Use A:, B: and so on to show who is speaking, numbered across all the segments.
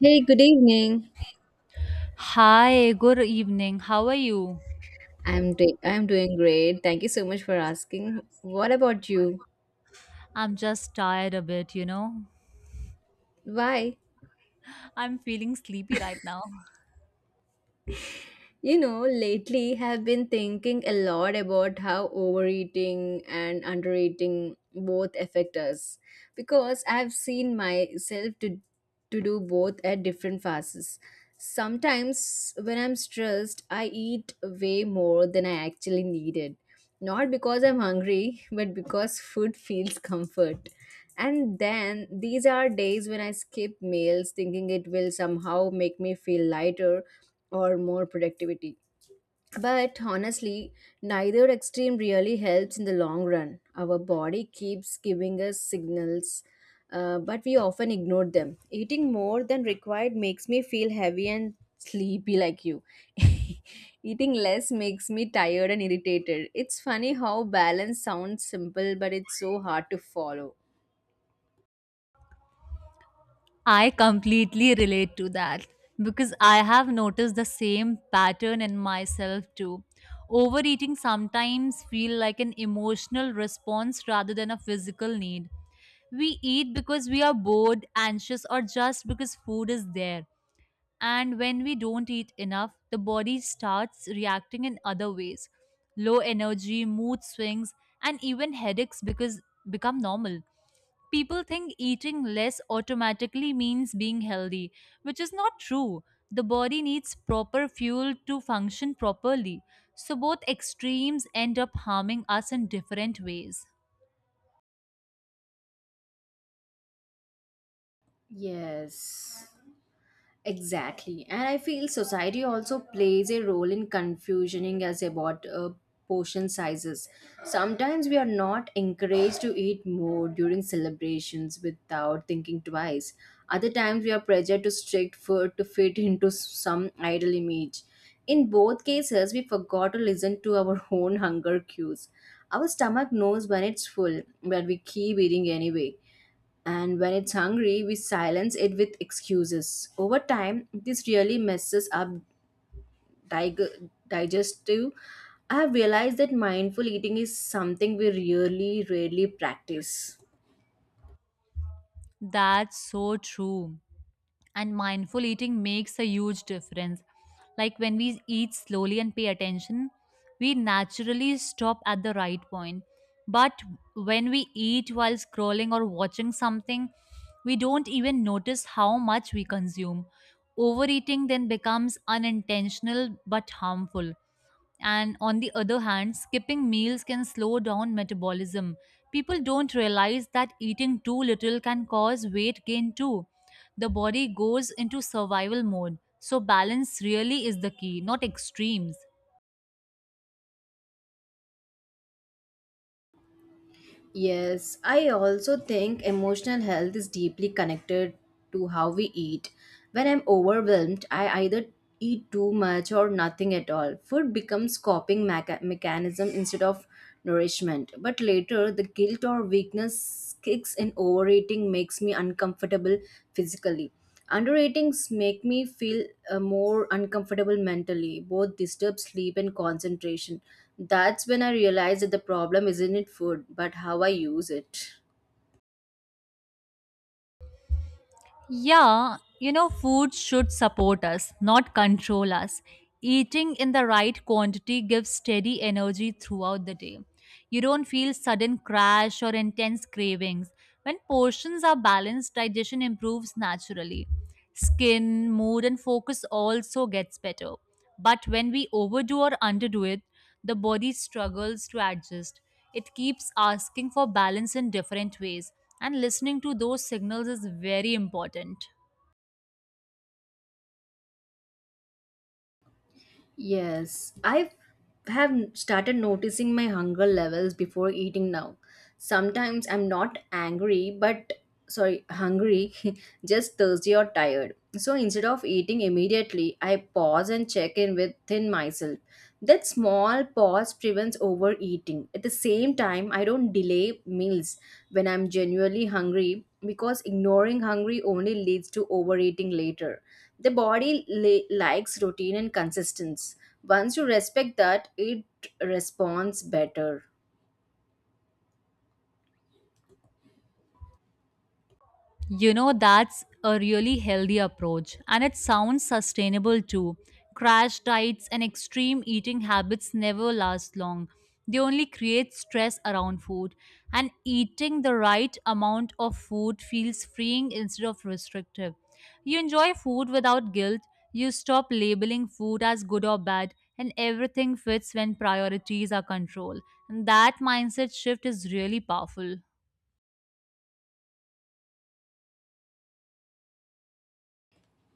A: Hey, good evening.
B: Hi, good evening. How are you?
A: I'm doing great. Thank you so much for asking. What about you?
B: I'm just tired a bit, you know.
A: Why?
B: I'm feeling sleepy right now.
A: You know, lately have been thinking a lot about how overeating and undereating both affect us because I've seen myself to do both at different phases. Sometimes when I'm stressed, I eat way more than I actually needed. Not because I'm hungry, but because food feels comfort. And then these are days when I skip meals thinking it will somehow make me feel lighter or more productivity. But honestly, neither extreme really helps in the long run. Our body keeps giving us signals, but we often ignore them. Eating more than required makes me feel heavy and sleepy, like you. Eating less makes me tired and irritated. It's funny how balance sounds simple, but it's so hard to follow.
B: I completely relate to that because I have noticed the same pattern in myself too. Overeating sometimes feel like an emotional response rather than a physical need. We eat because we are bored, anxious or just because food is there. And when we don't eat enough, the body starts reacting in other ways. Low energy, mood swings, and even headaches because become normal. People think eating less automatically means being healthy, which is not true. The body needs proper fuel to function properly. So both extremes end up harming us in different ways.
A: Yes. Exactly. And I feel society also plays a role in confusioning us about portion sizes. Sometimes we are not encouraged to eat more during celebrations without thinking twice. Other times we are pressured to strict food to fit into some ideal image. In both cases, we forgot to listen to our own hunger cues. Our stomach knows when it's full, but we keep eating anyway. And when it's hungry, we silence it with excuses. Over time, this really messes up digestive. I have realized that mindful eating is something we really, rarely practice.
B: That's so true, and mindful eating makes a huge difference. Like when we eat slowly and pay attention, we naturally stop at the right point. But when we eat while scrolling or watching something, we don't even notice how much we consume. Overeating then becomes unintentional but harmful, and on the other hand, skipping meals can slow down metabolism. People don't realize that eating too little can cause weight gain too. The body goes into survival mode. So, balance really is the key, not extremes.
A: Yes, I also think emotional health is deeply connected to how we eat. When I'm overwhelmed, I either eat too much or nothing at all. Food becomes coping mechanism instead of nourishment. But later, the guilt or weakness kicks in overeating makes me uncomfortable physically. Underratings make me feel more uncomfortable mentally, both disturb sleep and concentration. That's when I realize that the problem isn't in food, but how I use it.
B: Yeah, you know, food should support us, not control us. Eating in the right quantity gives steady energy throughout the day. You don't feel sudden crash or intense cravings. When portions are balanced, digestion improves naturally. Skin, mood, and focus also gets better. But when we overdo or underdo it, the body struggles to adjust. It keeps asking for balance in different ways, and listening to those signals is very important.
A: Yes, I have started noticing my hunger levels before eating now. Sometimes I'm not angry, but sorry, hungry, just thirsty or tired. So instead of eating immediately, I pause and check in within myself. That small pause prevents overeating. At the same time, I don't delay meals when I'm genuinely hungry because ignoring hungry only leads to overeating later. The body likes routine and consistency. Once you respect that, it responds better.
B: You know, that's a really healthy approach, and it sounds sustainable too. Crash diets and extreme eating habits never last long. They only create stress around food, and eating the right amount of food feels freeing instead of restrictive. You enjoy food without guilt, you stop labeling food as good or bad, and everything fits when priorities are controlled. And that mindset shift is really powerful.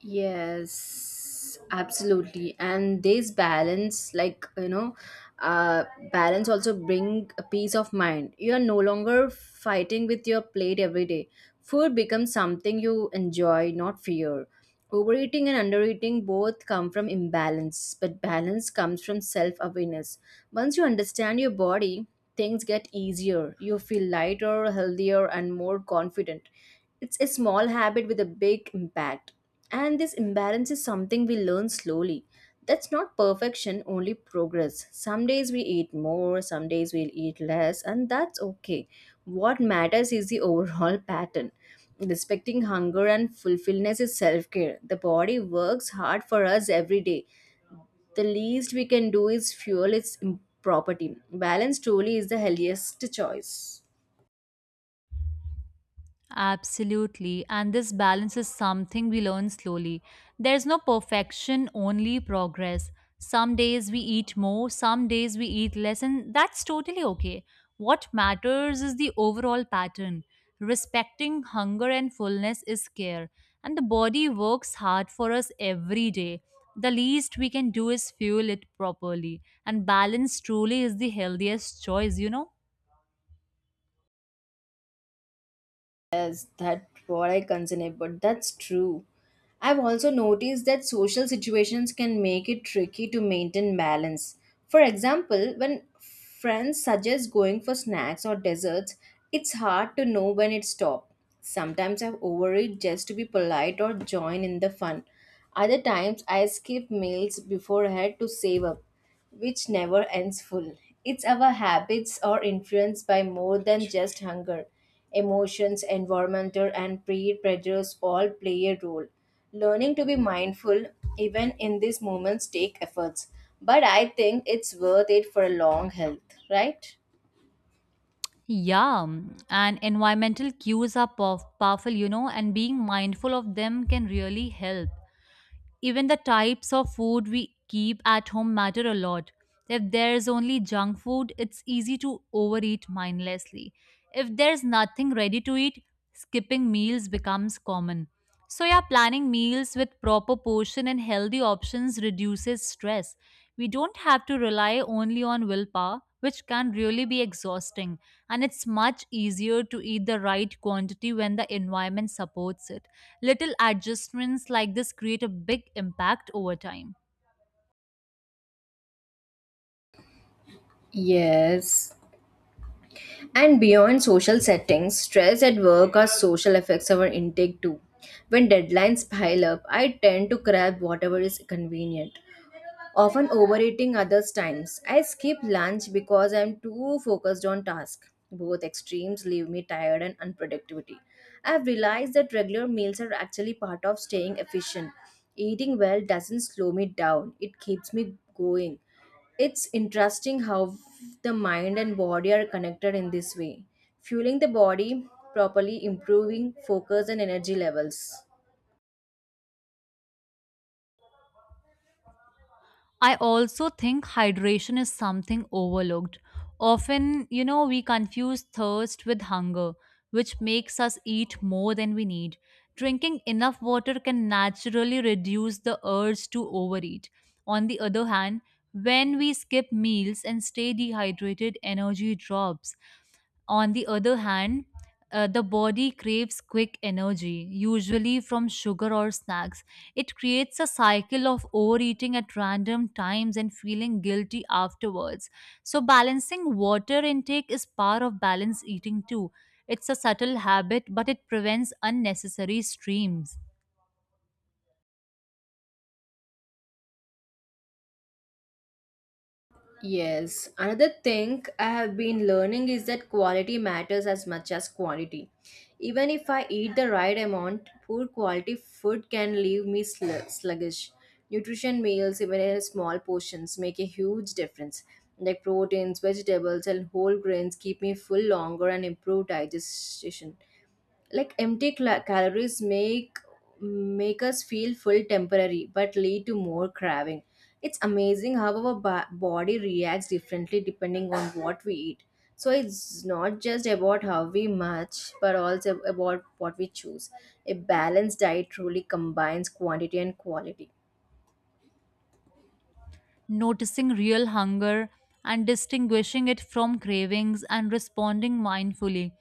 A: Yes, absolutely. And this balance, like, you know, uh, balance also bring a peace of mind. You are no longer fighting with your plate every day. Food becomes something you enjoy, not fear. Overeating and undereating both come from imbalance, but balance comes from self awareness. Once you understand your body, things get easier. You feel lighter, healthier, and more confident. It's a small habit with a big impact and this imbalance is something we learn slowly. That's not perfection, only progress. Some days we eat more, some days we'll eat less, and that's okay. What matters is the overall pattern. Respecting hunger and fulfillment is self care. The body works hard for us every day. The least we can do is fuel its property. Balance truly is the healthiest choice.
B: Absolutely. And this balance is something we learn slowly. There's no perfection, only progress. Some days we eat more, some days we eat less, and that's totally okay. What matters is the overall pattern. Respecting hunger and fullness is care, and the body works hard for us every day. The least we can do is fuel it properly, and balance truly is the healthiest choice, you know?
A: Yes, that's what I consider, but that's true. I've also noticed that social situations can make it tricky to maintain balance. For example, when friends suggest going for snacks or desserts, it's hard to know when it's stop. Sometimes I've overeat just to be polite or join in the fun. Other times I skip meals beforehand to save up which never ends full. It's our habits are influenced by more than just hunger. Emotions, environmental, and predators all play a role. Learning to be mindful, even in these moments, take efforts. But I think it's worth it for a long health, right?
B: Yeah, and environmental cues are powerful, you know, and being mindful of them can really help. Even the types of food we keep at home matter a lot. If there's only junk food, it's easy to overeat mindlessly. If there's nothing ready to eat, skipping meals becomes common. So, yeah, planning meals with proper portion and healthy options reduces stress. We don't have to rely only on willpower, which can really be exhausting, and it's much easier to eat the right quantity when the environment supports it. Little adjustments like this create a big impact over time.
A: Yes. And beyond social settings, stress at work or social affects our intake too. When deadlines pile up, I tend to grab whatever is convenient. Often overeating others times I skip lunch because I'm too focused on task. Both extremes leave me tired and unproductivity. I've realized that regular meals are actually part of staying efficient. Eating well doesn't slow me down, it keeps me going. It's interesting how the mind and body are connected in this way. Fueling the body properly improving focus and energy levels.
B: I also think hydration is something overlooked. Often, you know, we confuse thirst with hunger, which makes us eat more than we need. Drinking enough water can naturally reduce the urge to overeat. On the other hand, when we skip meals and stay dehydrated, energy drops. On the other hand, the body craves quick energy, usually from sugar or snacks. It creates a cycle of overeating at random times and feeling guilty afterwards. So, balancing water intake is part of balanced eating too. It's a subtle habit, but it prevents unnecessary streams.
A: Yes, another thing I have been learning is that quality matters as much as quantity. Even if I eat the right amount, poor quality food can leave me sluggish. Nutrition meals, even in small portions, make a huge difference. Like proteins, vegetables, and whole grains keep me full longer and improve digestion like empty calories make us feel full temporary but lead to more craving. It's amazing how our body reacts differently depending on what we eat. So it's not just about how we match but also about what we choose. A balanced diet truly combines quantity and quality.
B: Noticing real hunger and distinguishing it from cravings and responding mindfully.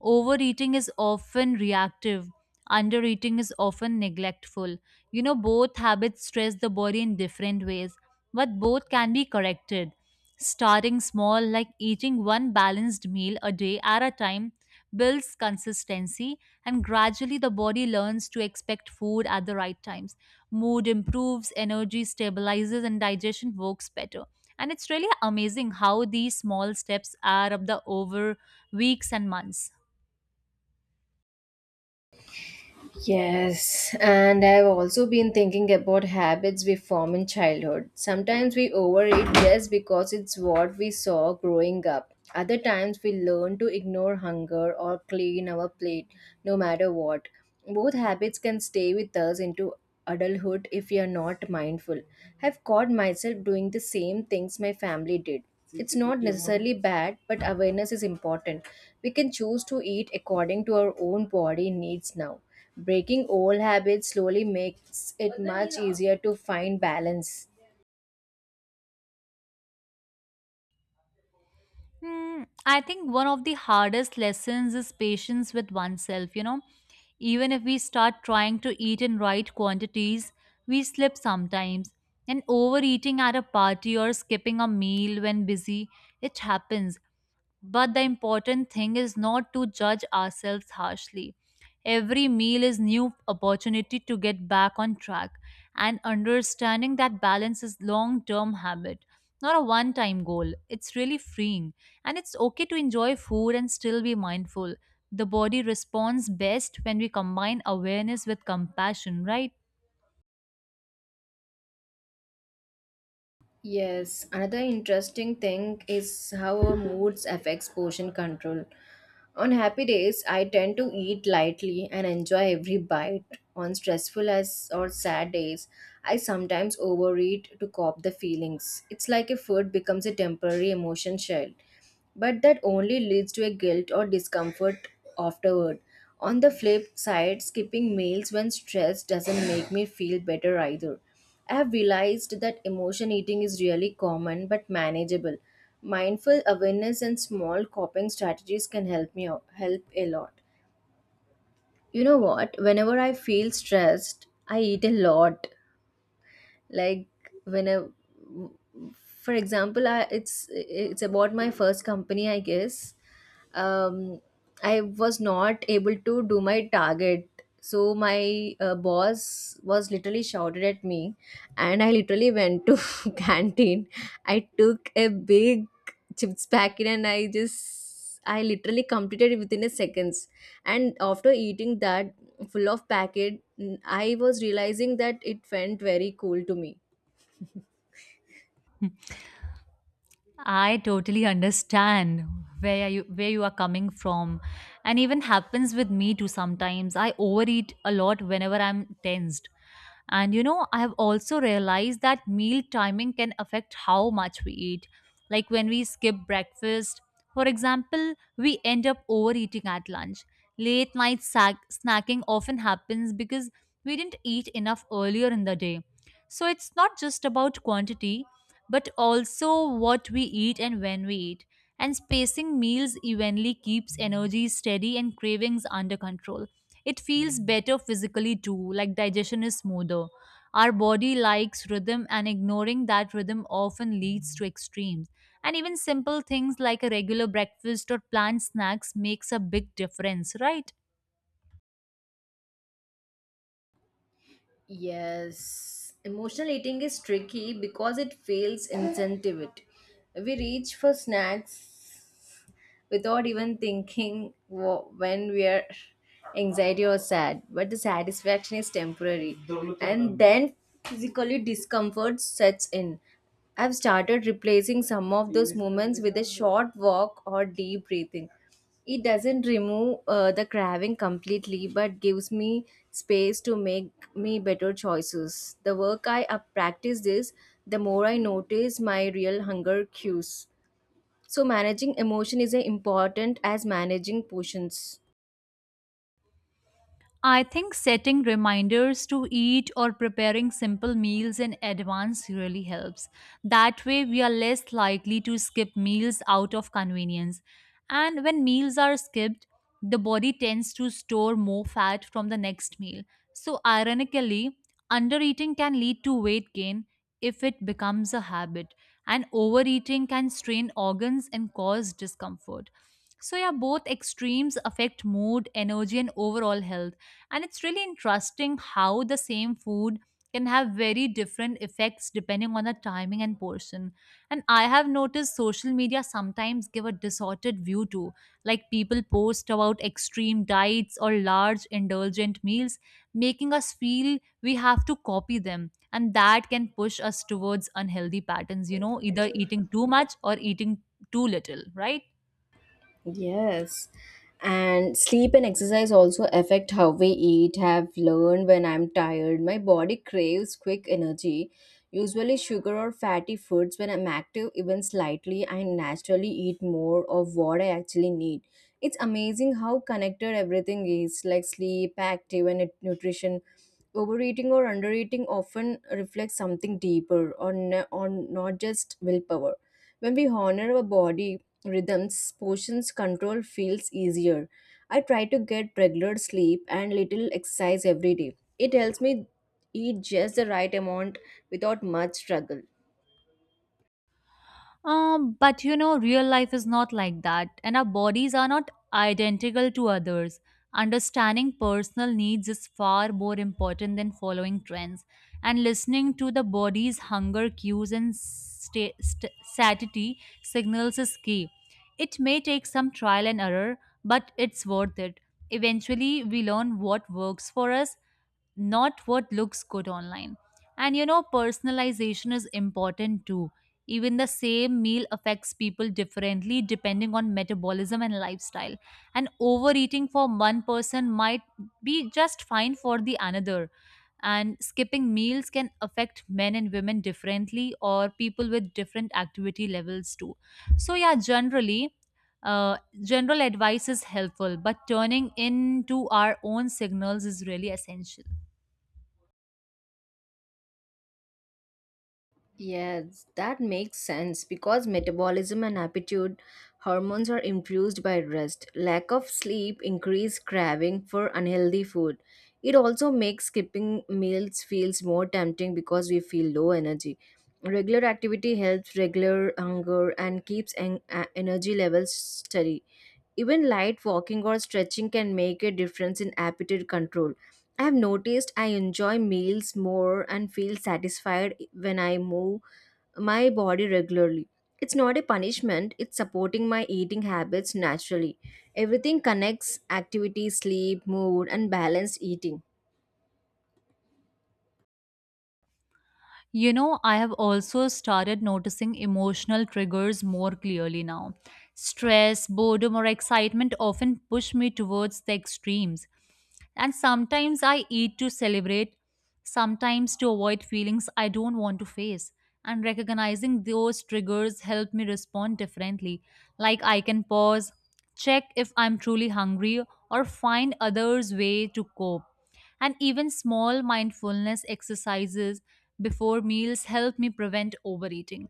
B: Overeating is often reactive, undereating is often neglectful. You know, both habits stress the body in different ways, but both can be corrected. Starting small, like eating one balanced meal a day at a time, builds consistency, and gradually the body learns to expect food at the right times. Mood improves, energy stabilizes, and digestion works better. And it's really amazing how these small steps add up the over weeks and months.
A: Yes, and I've also been thinking about habits we form in childhood. Sometimes we overeat just because it's what we saw growing up. Other times we learn to ignore hunger or clean our plate no matter what. Both habits can stay with us into adulthood if we are not mindful. I've caught myself doing the same things my family did. It's not necessarily bad, but awareness is important. We can choose to eat according to our own body needs now. Breaking old habits slowly makes it much easier to find balance.
B: Hmm, I think one of the hardest lessons is patience with oneself, you know. Even if we start trying to eat in right quantities, we slip sometimes. And overeating at a party or skipping a meal when busy, it happens. But the important thing is not to judge ourselves harshly. Every meal is new opportunity to get back on track and understanding that balance is long-term habit, not a one-time goal. It's really freeing and it's okay to enjoy food and still be mindful. The body responds best when we combine awareness with compassion, right?
A: Yes, another interesting thing is how our moods affects portion control. On happy days, I tend to eat lightly and enjoy every bite. On stressful as or sad days, I sometimes overeat to cope the feelings. It's like a food becomes a temporary emotion shield, but that only leads to a guilt or discomfort afterward. On the flip side, skipping meals when stressed doesn't make me feel better either. I have realized that emotion eating is really common but manageable. Mindful awareness and small coping strategies can help me out, help a lot. You know what? Whenever I feel stressed, I eat a lot like when a for example it's about my first company I guess. um, I was not able to do my target. So my boss was literally shouted at me and I literally went to canteen. I took a big chips packet and I literally completed it within a seconds. And after eating that full of packet I was realizing that it felt very cool to me.
B: I totally understand where you are coming from and even happens with me too sometimes. I overeat a lot whenever I'm tensed. And you know, I have also realized that meal timing can affect how much we eat. Like when we skip breakfast, for example, we end up overeating at lunch. Late night sack, snacking often happens because we didn't eat enough earlier in the day. So it's not just about quantity, but also what we eat and when we eat. And spacing meals evenly keeps energy steady and cravings under control. It feels better physically too, like digestion is smoother. Our body likes rhythm, and ignoring that rhythm often leads to extremes. And even simple things like a regular breakfast or planned snacks makes a big difference, right?
A: Yes, emotional eating is tricky because it fails incentive. We reach for snacks without even thinking when we are anxiety or sad. But the satisfaction is temporary, and then physically discomfort sets in. I've started replacing some of those moments with a short walk or deep breathing. It doesn't remove the craving completely, but gives me space to make me better choices. The work I practice this, the more I notice my real hunger cues. So managing emotion is as important as managing portions.
B: I think setting reminders to eat or preparing simple meals in advance really helps. That way, we are less likely to skip meals out of convenience. And when meals are skipped, the body tends to store more fat from the next meal. So, ironically, undereating can lead to weight gain if it becomes a habit, and overeating can strain organs and cause discomfort. So, yeah, both extremes affect mood, energy, and overall health, and it's really interesting how the same food can have very different effects depending on the timing and portion. And I have noticed social media sometimes give a distorted view too, like people post about extreme diets or large indulgent meals, making us feel we have to copy them, and that can push us towards unhealthy patterns, you know, either eating too much or eating too little, right?
A: Yes. And sleep and exercise also affect how we eat. Have learned when I'm tired, my body craves quick energy. Usually, sugar or fatty foods, when I'm active, even slightly, I naturally eat more of what I actually need. It's amazing how connected everything is like sleep, active, and nutrition. Overeating or undereating often reflects something deeper on not just willpower. When we honor our body rhythms, portions control feels easier. I try to get regular sleep and little exercise every day. It helps me eat just the right amount without much struggle.
B: But you know, real life is not like that, and our bodies are not identical to others. Understanding personal needs is far more important than following trends, and listening to the body's hunger cues and satiety signals is key. It may take some trial and error, but it's worth it. Eventually, we learn what works for us, not what looks good online. And you know, personalization is important too. Even the same meal affects people differently depending on metabolism and lifestyle. And overeating for one person might be just fine for the another. And skipping meals can affect men and women differently, or people with different activity levels too. So, yeah, generally, uh, general advice is helpful, but turning into our own signals is really essential.
A: Yes, that makes sense because metabolism and appetite hormones are influenced by rest. Lack of sleep increase craving for unhealthy food. It also makes skipping meals feels more tempting because we feel low energy. Regular activity helps regular hunger and keeps energy levels steady. Even light walking or stretching can make a difference in appetite control. I have noticed I enjoy meals more and feel satisfied when I move my body regularly. It's not a punishment, it's supporting my eating habits naturally. Everything connects activity, sleep, mood, and balanced eating.
B: You know, I have also started noticing emotional triggers more clearly now. Stress, boredom, or excitement often push me towards the extremes. And sometimes I eat to celebrate, sometimes to avoid feelings I don't want to face. And recognizing those triggers help me respond differently. Like I can pause, check if I'm truly hungry, or find others' way to cope, and even small mindfulness exercises before meals help me prevent overeating.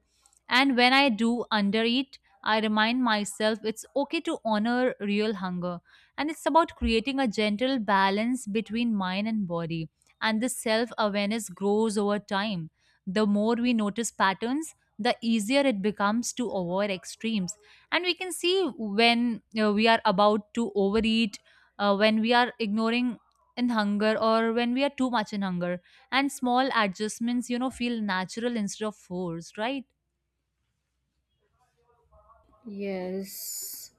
B: And when I do undereat, I remind myself it's okay to honor real hunger. And it's about creating a gentle balance between mind and body. And this self awareness grows over time. The more we notice patterns, the easier it becomes to avoid extremes. And we can see when we are about to overeat, when we are ignoring in hunger, or when we are too much in hunger, and small adjustments, you know, feel natural instead of forced, right?
A: Yes.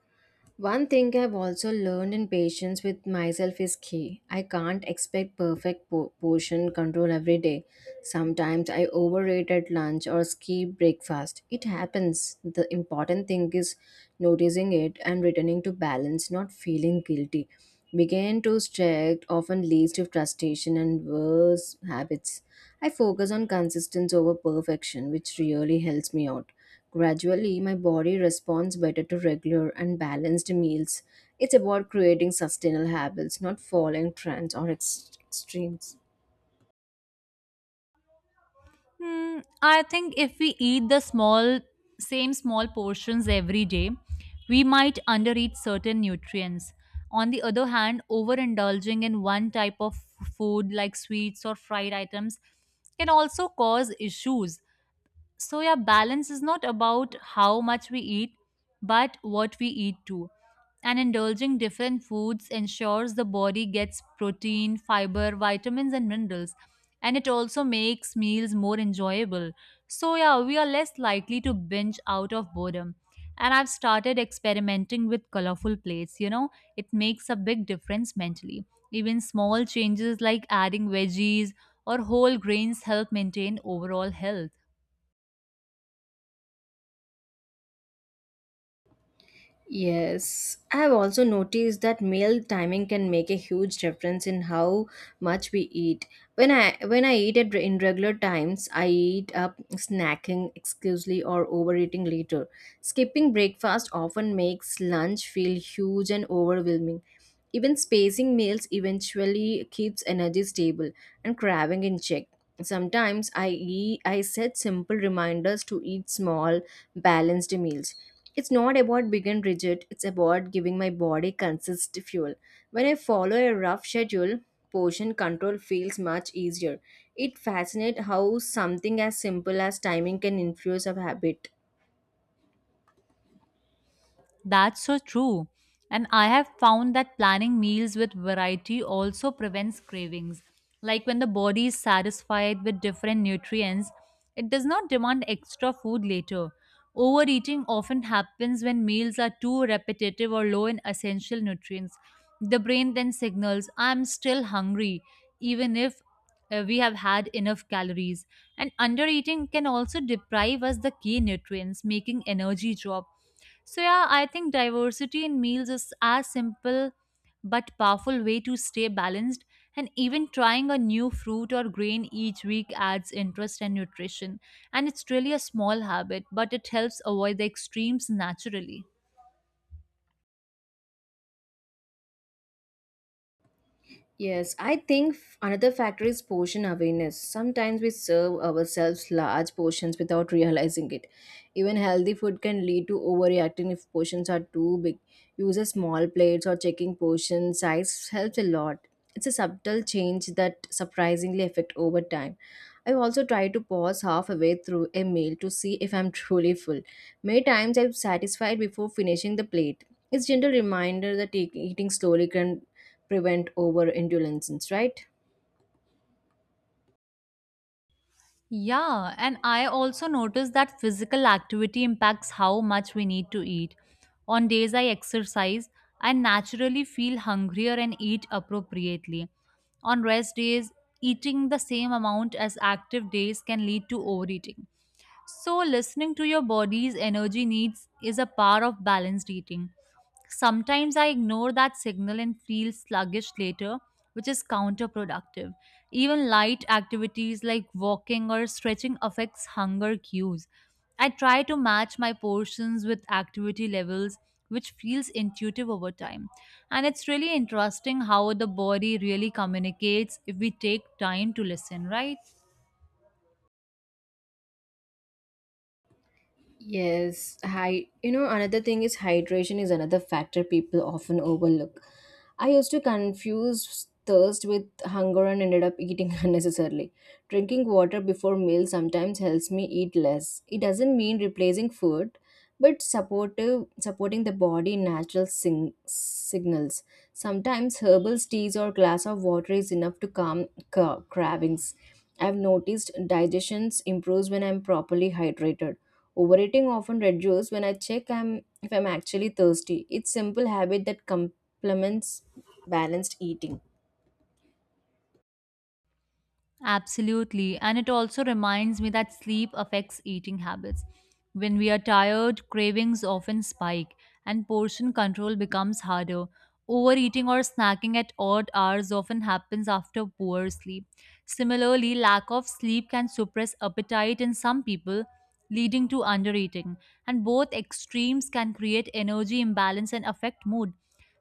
A: One thing I've also learned in patience with myself is key. I can't expect perfect portion control every day. Sometimes I overeat at lunch or skip breakfast. It happens. The important thing is noticing it and returning to balance, not feeling guilty. Begin to strict often leads to frustration and worse habits. I focus on consistency over perfection, which really helps me out. Gradually, my body responds better to regular and balanced meals. It's about creating sustainable habits, not following trends or extremes.
B: Hmm, I think if we eat the small same small portions every day, we might undereat certain nutrients. On the other hand, overindulging in one type of food like sweets or fried items can also cause issues. So, yeah, balance is not about how much we eat, but what we eat too. And indulging different foods ensures the body gets protein, fiber, vitamins, and minerals. And it also makes meals more enjoyable. So, yeah, we are less likely to binge out of boredom. And I've started experimenting with colorful plates. You know, it makes a big difference mentally. Even small changes like adding veggies or whole grains help maintain overall health.
A: Yes, I have also noticed that meal timing can make a huge difference in how much we eat. When I eat at in regular times, I eat up snacking exclusively or overeating later. Skipping breakfast often makes lunch feel huge and overwhelming. Even spacing meals eventually keeps energy stable and craving in check. I set simple reminders to eat small, balanced meals. It's not about big and rigid, it's about giving my body consistent fuel. When I follow a rough schedule, portion control feels much easier. It fascinates how something as simple as timing can influence a habit.
B: That's so true. And I have found that planning meals with variety also prevents cravings. Like when the body is satisfied with different nutrients, it does not demand extra food later. Overeating often happens when meals are too repetitive or low in essential nutrients. The brain then signals, I'm still hungry, even if we have had enough calories. And undereating can also deprive us the key nutrients, making energy drop. So, yeah, I think diversity in meals is as simple but powerful way to stay balanced, and even trying a new fruit or grain each week adds interest and nutrition. And it's really a small habit but it helps avoid the extremes naturally.
A: Yes, I think another factor is portion awareness. Sometimes we serve ourselves large portions without realizing it. Even healthy food can lead to overreacting if portions are too big. Using small plates or checking portion size helps a lot. It's a subtle change that surprisingly affect over time. I also try to pause halfway through a meal to see if I'm truly full. Many times I'm satisfied before finishing the plate. It's gentle reminder that eating slowly can prevent overindulgence, right?
B: Yeah, and I also noticed that physical activity impacts how much we need to eat. On days I exercise, I naturally feel hungrier and eat appropriately. On rest days, eating the same amount as active days can lead to overeating. So, listening to your body's energy needs is a part of balanced eating. Sometimes I ignore that signal and feel sluggish later, which is counterproductive. Even light activities like walking or stretching affects hunger cues. I try to match my portions with activity levels, which feels intuitive over time. And it's really interesting how the body really communicates if we take time to listen, right?
A: Yes, hi. You know, another thing is hydration is another factor people often overlook. I used to confuse thirst with hunger and ended up eating unnecessarily. Drinking water before meals sometimes helps me eat less. It doesn't mean replacing food, but supportive supporting the body in natural signals. Sometimes herbal teas or glass of water is enough to calm cravings. I've noticed digestions improves when I'm properly hydrated. Overeating often reduces when I check I'm if I'm actually thirsty. It's simple habit that complements balanced eating.
B: Absolutely. And it also reminds me that sleep affects eating habits. When we are tired, cravings often spike and portion control becomes harder. Overeating or snacking at odd hours often happens after poor sleep. Similarly, lack of sleep can suppress appetite in some people, leading to undereating. And both extremes can create energy imbalance and affect mood.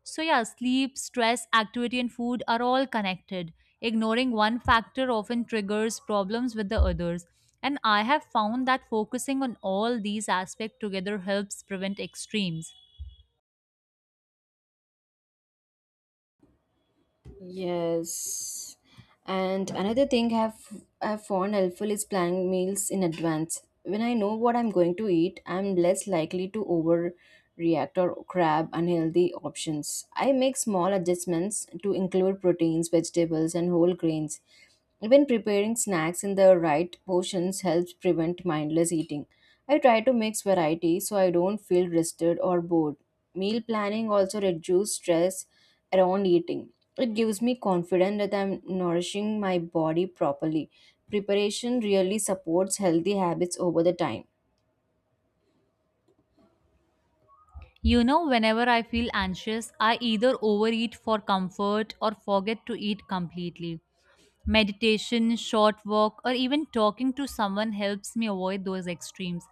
B: So, yeah, sleep, stress, activity, and food are all connected. Ignoring one factor often triggers problems with the others. And I have found that focusing on all these aspects together helps prevent extremes.
A: Yes. And another thing I've found helpful is planning meals in advance. When I know what I'm going to eat, I'm less likely to overreact or grab unhealthy options. I make small adjustments to include proteins, vegetables, and whole grains. Even preparing snacks in the right portions helps prevent mindless eating. I try to mix variety so I don't feel rested or bored. Meal planning also reduces stress around eating. It gives me confidence that I'm nourishing my body properly. Preparation really supports healthy habits over the time.
B: You know, whenever I feel anxious, I either overeat for comfort or forget to eat completely. Meditation, short walk, or even talking to someone helps me avoid those extremes.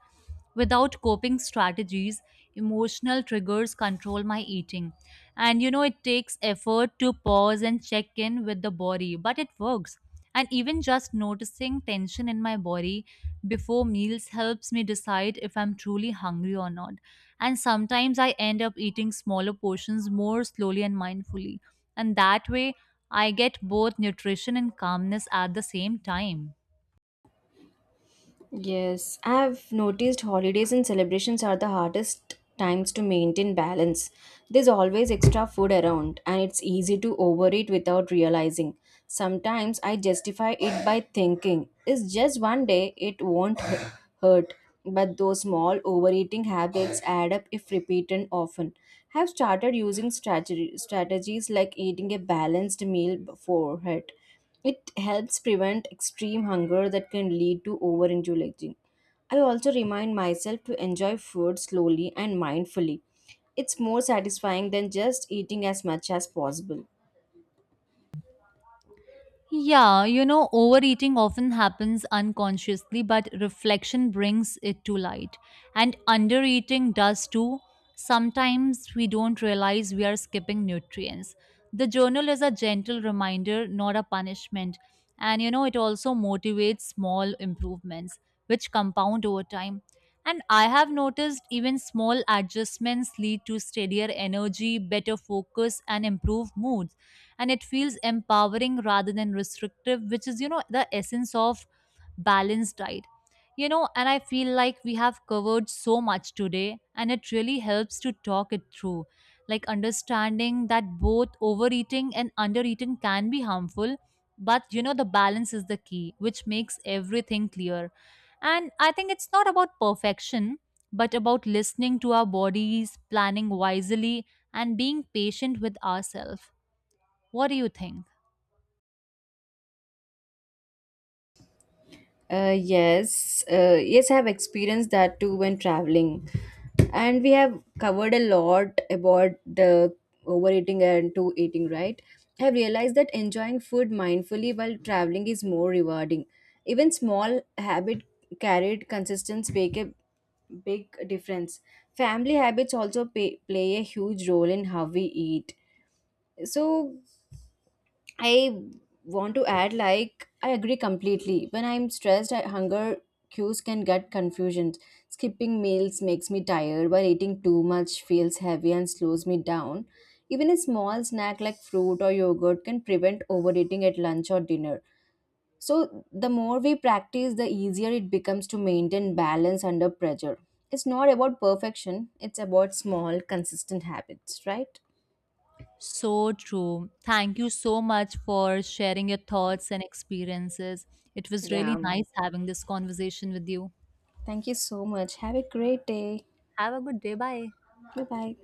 B: Without coping strategies, emotional triggers control my eating. And you know, it takes effort to pause and check in with the body, but it works. And even just noticing tension in my body before meals helps me decide if I'm truly hungry or not. And sometimes I end up eating smaller portions more slowly and mindfully. And that way, I get both nutrition and calmness at the same time.
A: Yes, I've noticed holidays and celebrations are the hardest times to maintain balance. There's always extra food around, and it's easy to overeat without realizing. Sometimes I justify it by thinking, it's just one day, it won't hurt. But those small overeating habits add up if repeated often. I've started using strategies like eating a balanced meal beforehand. It helps prevent extreme hunger that can lead to overindulging. I also remind myself to enjoy food slowly and mindfully. It's more satisfying than just eating as much as possible.
B: Yeah, you know, overeating often happens unconsciously, but reflection brings it to light. And undereating does too. Sometimes we don't realize we are skipping nutrients. The journal is a gentle reminder, not a punishment. And you know, it also motivates small improvements, which compound over time. And I have noticed even small adjustments lead to steadier energy, better focus, and improved mood, and it feels empowering rather than restrictive, which is, you know, the essence of balanced diet. You know, and I feel like we have covered so much today and it really helps to talk it through, like understanding that both overeating and undereating can be harmful. But you know, the balance is the key, which makes everything clear. And I think it's not about perfection, but about listening to our bodies, planning wisely, and being patient with ourselves. What do you think?
A: Yes, I have experienced that too when traveling, and we have covered a lot about the overeating and to eating. Right, I have realized that enjoying food mindfully while traveling is more rewarding. Even small habit carried consistence make a big difference. Family habits also play a huge role in how we eat. So I want to add, like, I agree completely. When I'm stressed, hunger cues can get confusion. Skipping meals makes me tired, while eating too much feels heavy and slows me down. Even a small snack like fruit or yogurt can prevent overeating at lunch or dinner. So, the more we practice, the easier it becomes to maintain balance under pressure. It's not about perfection, it's about small, consistent habits, right?
B: So true. Thank you so much for sharing your thoughts and experiences. It was really
A: Yeah.
B: nice having this conversation with you.
A: Thank you so much. Have a great day.
B: Have a good day. Bye.
A: 拜拜。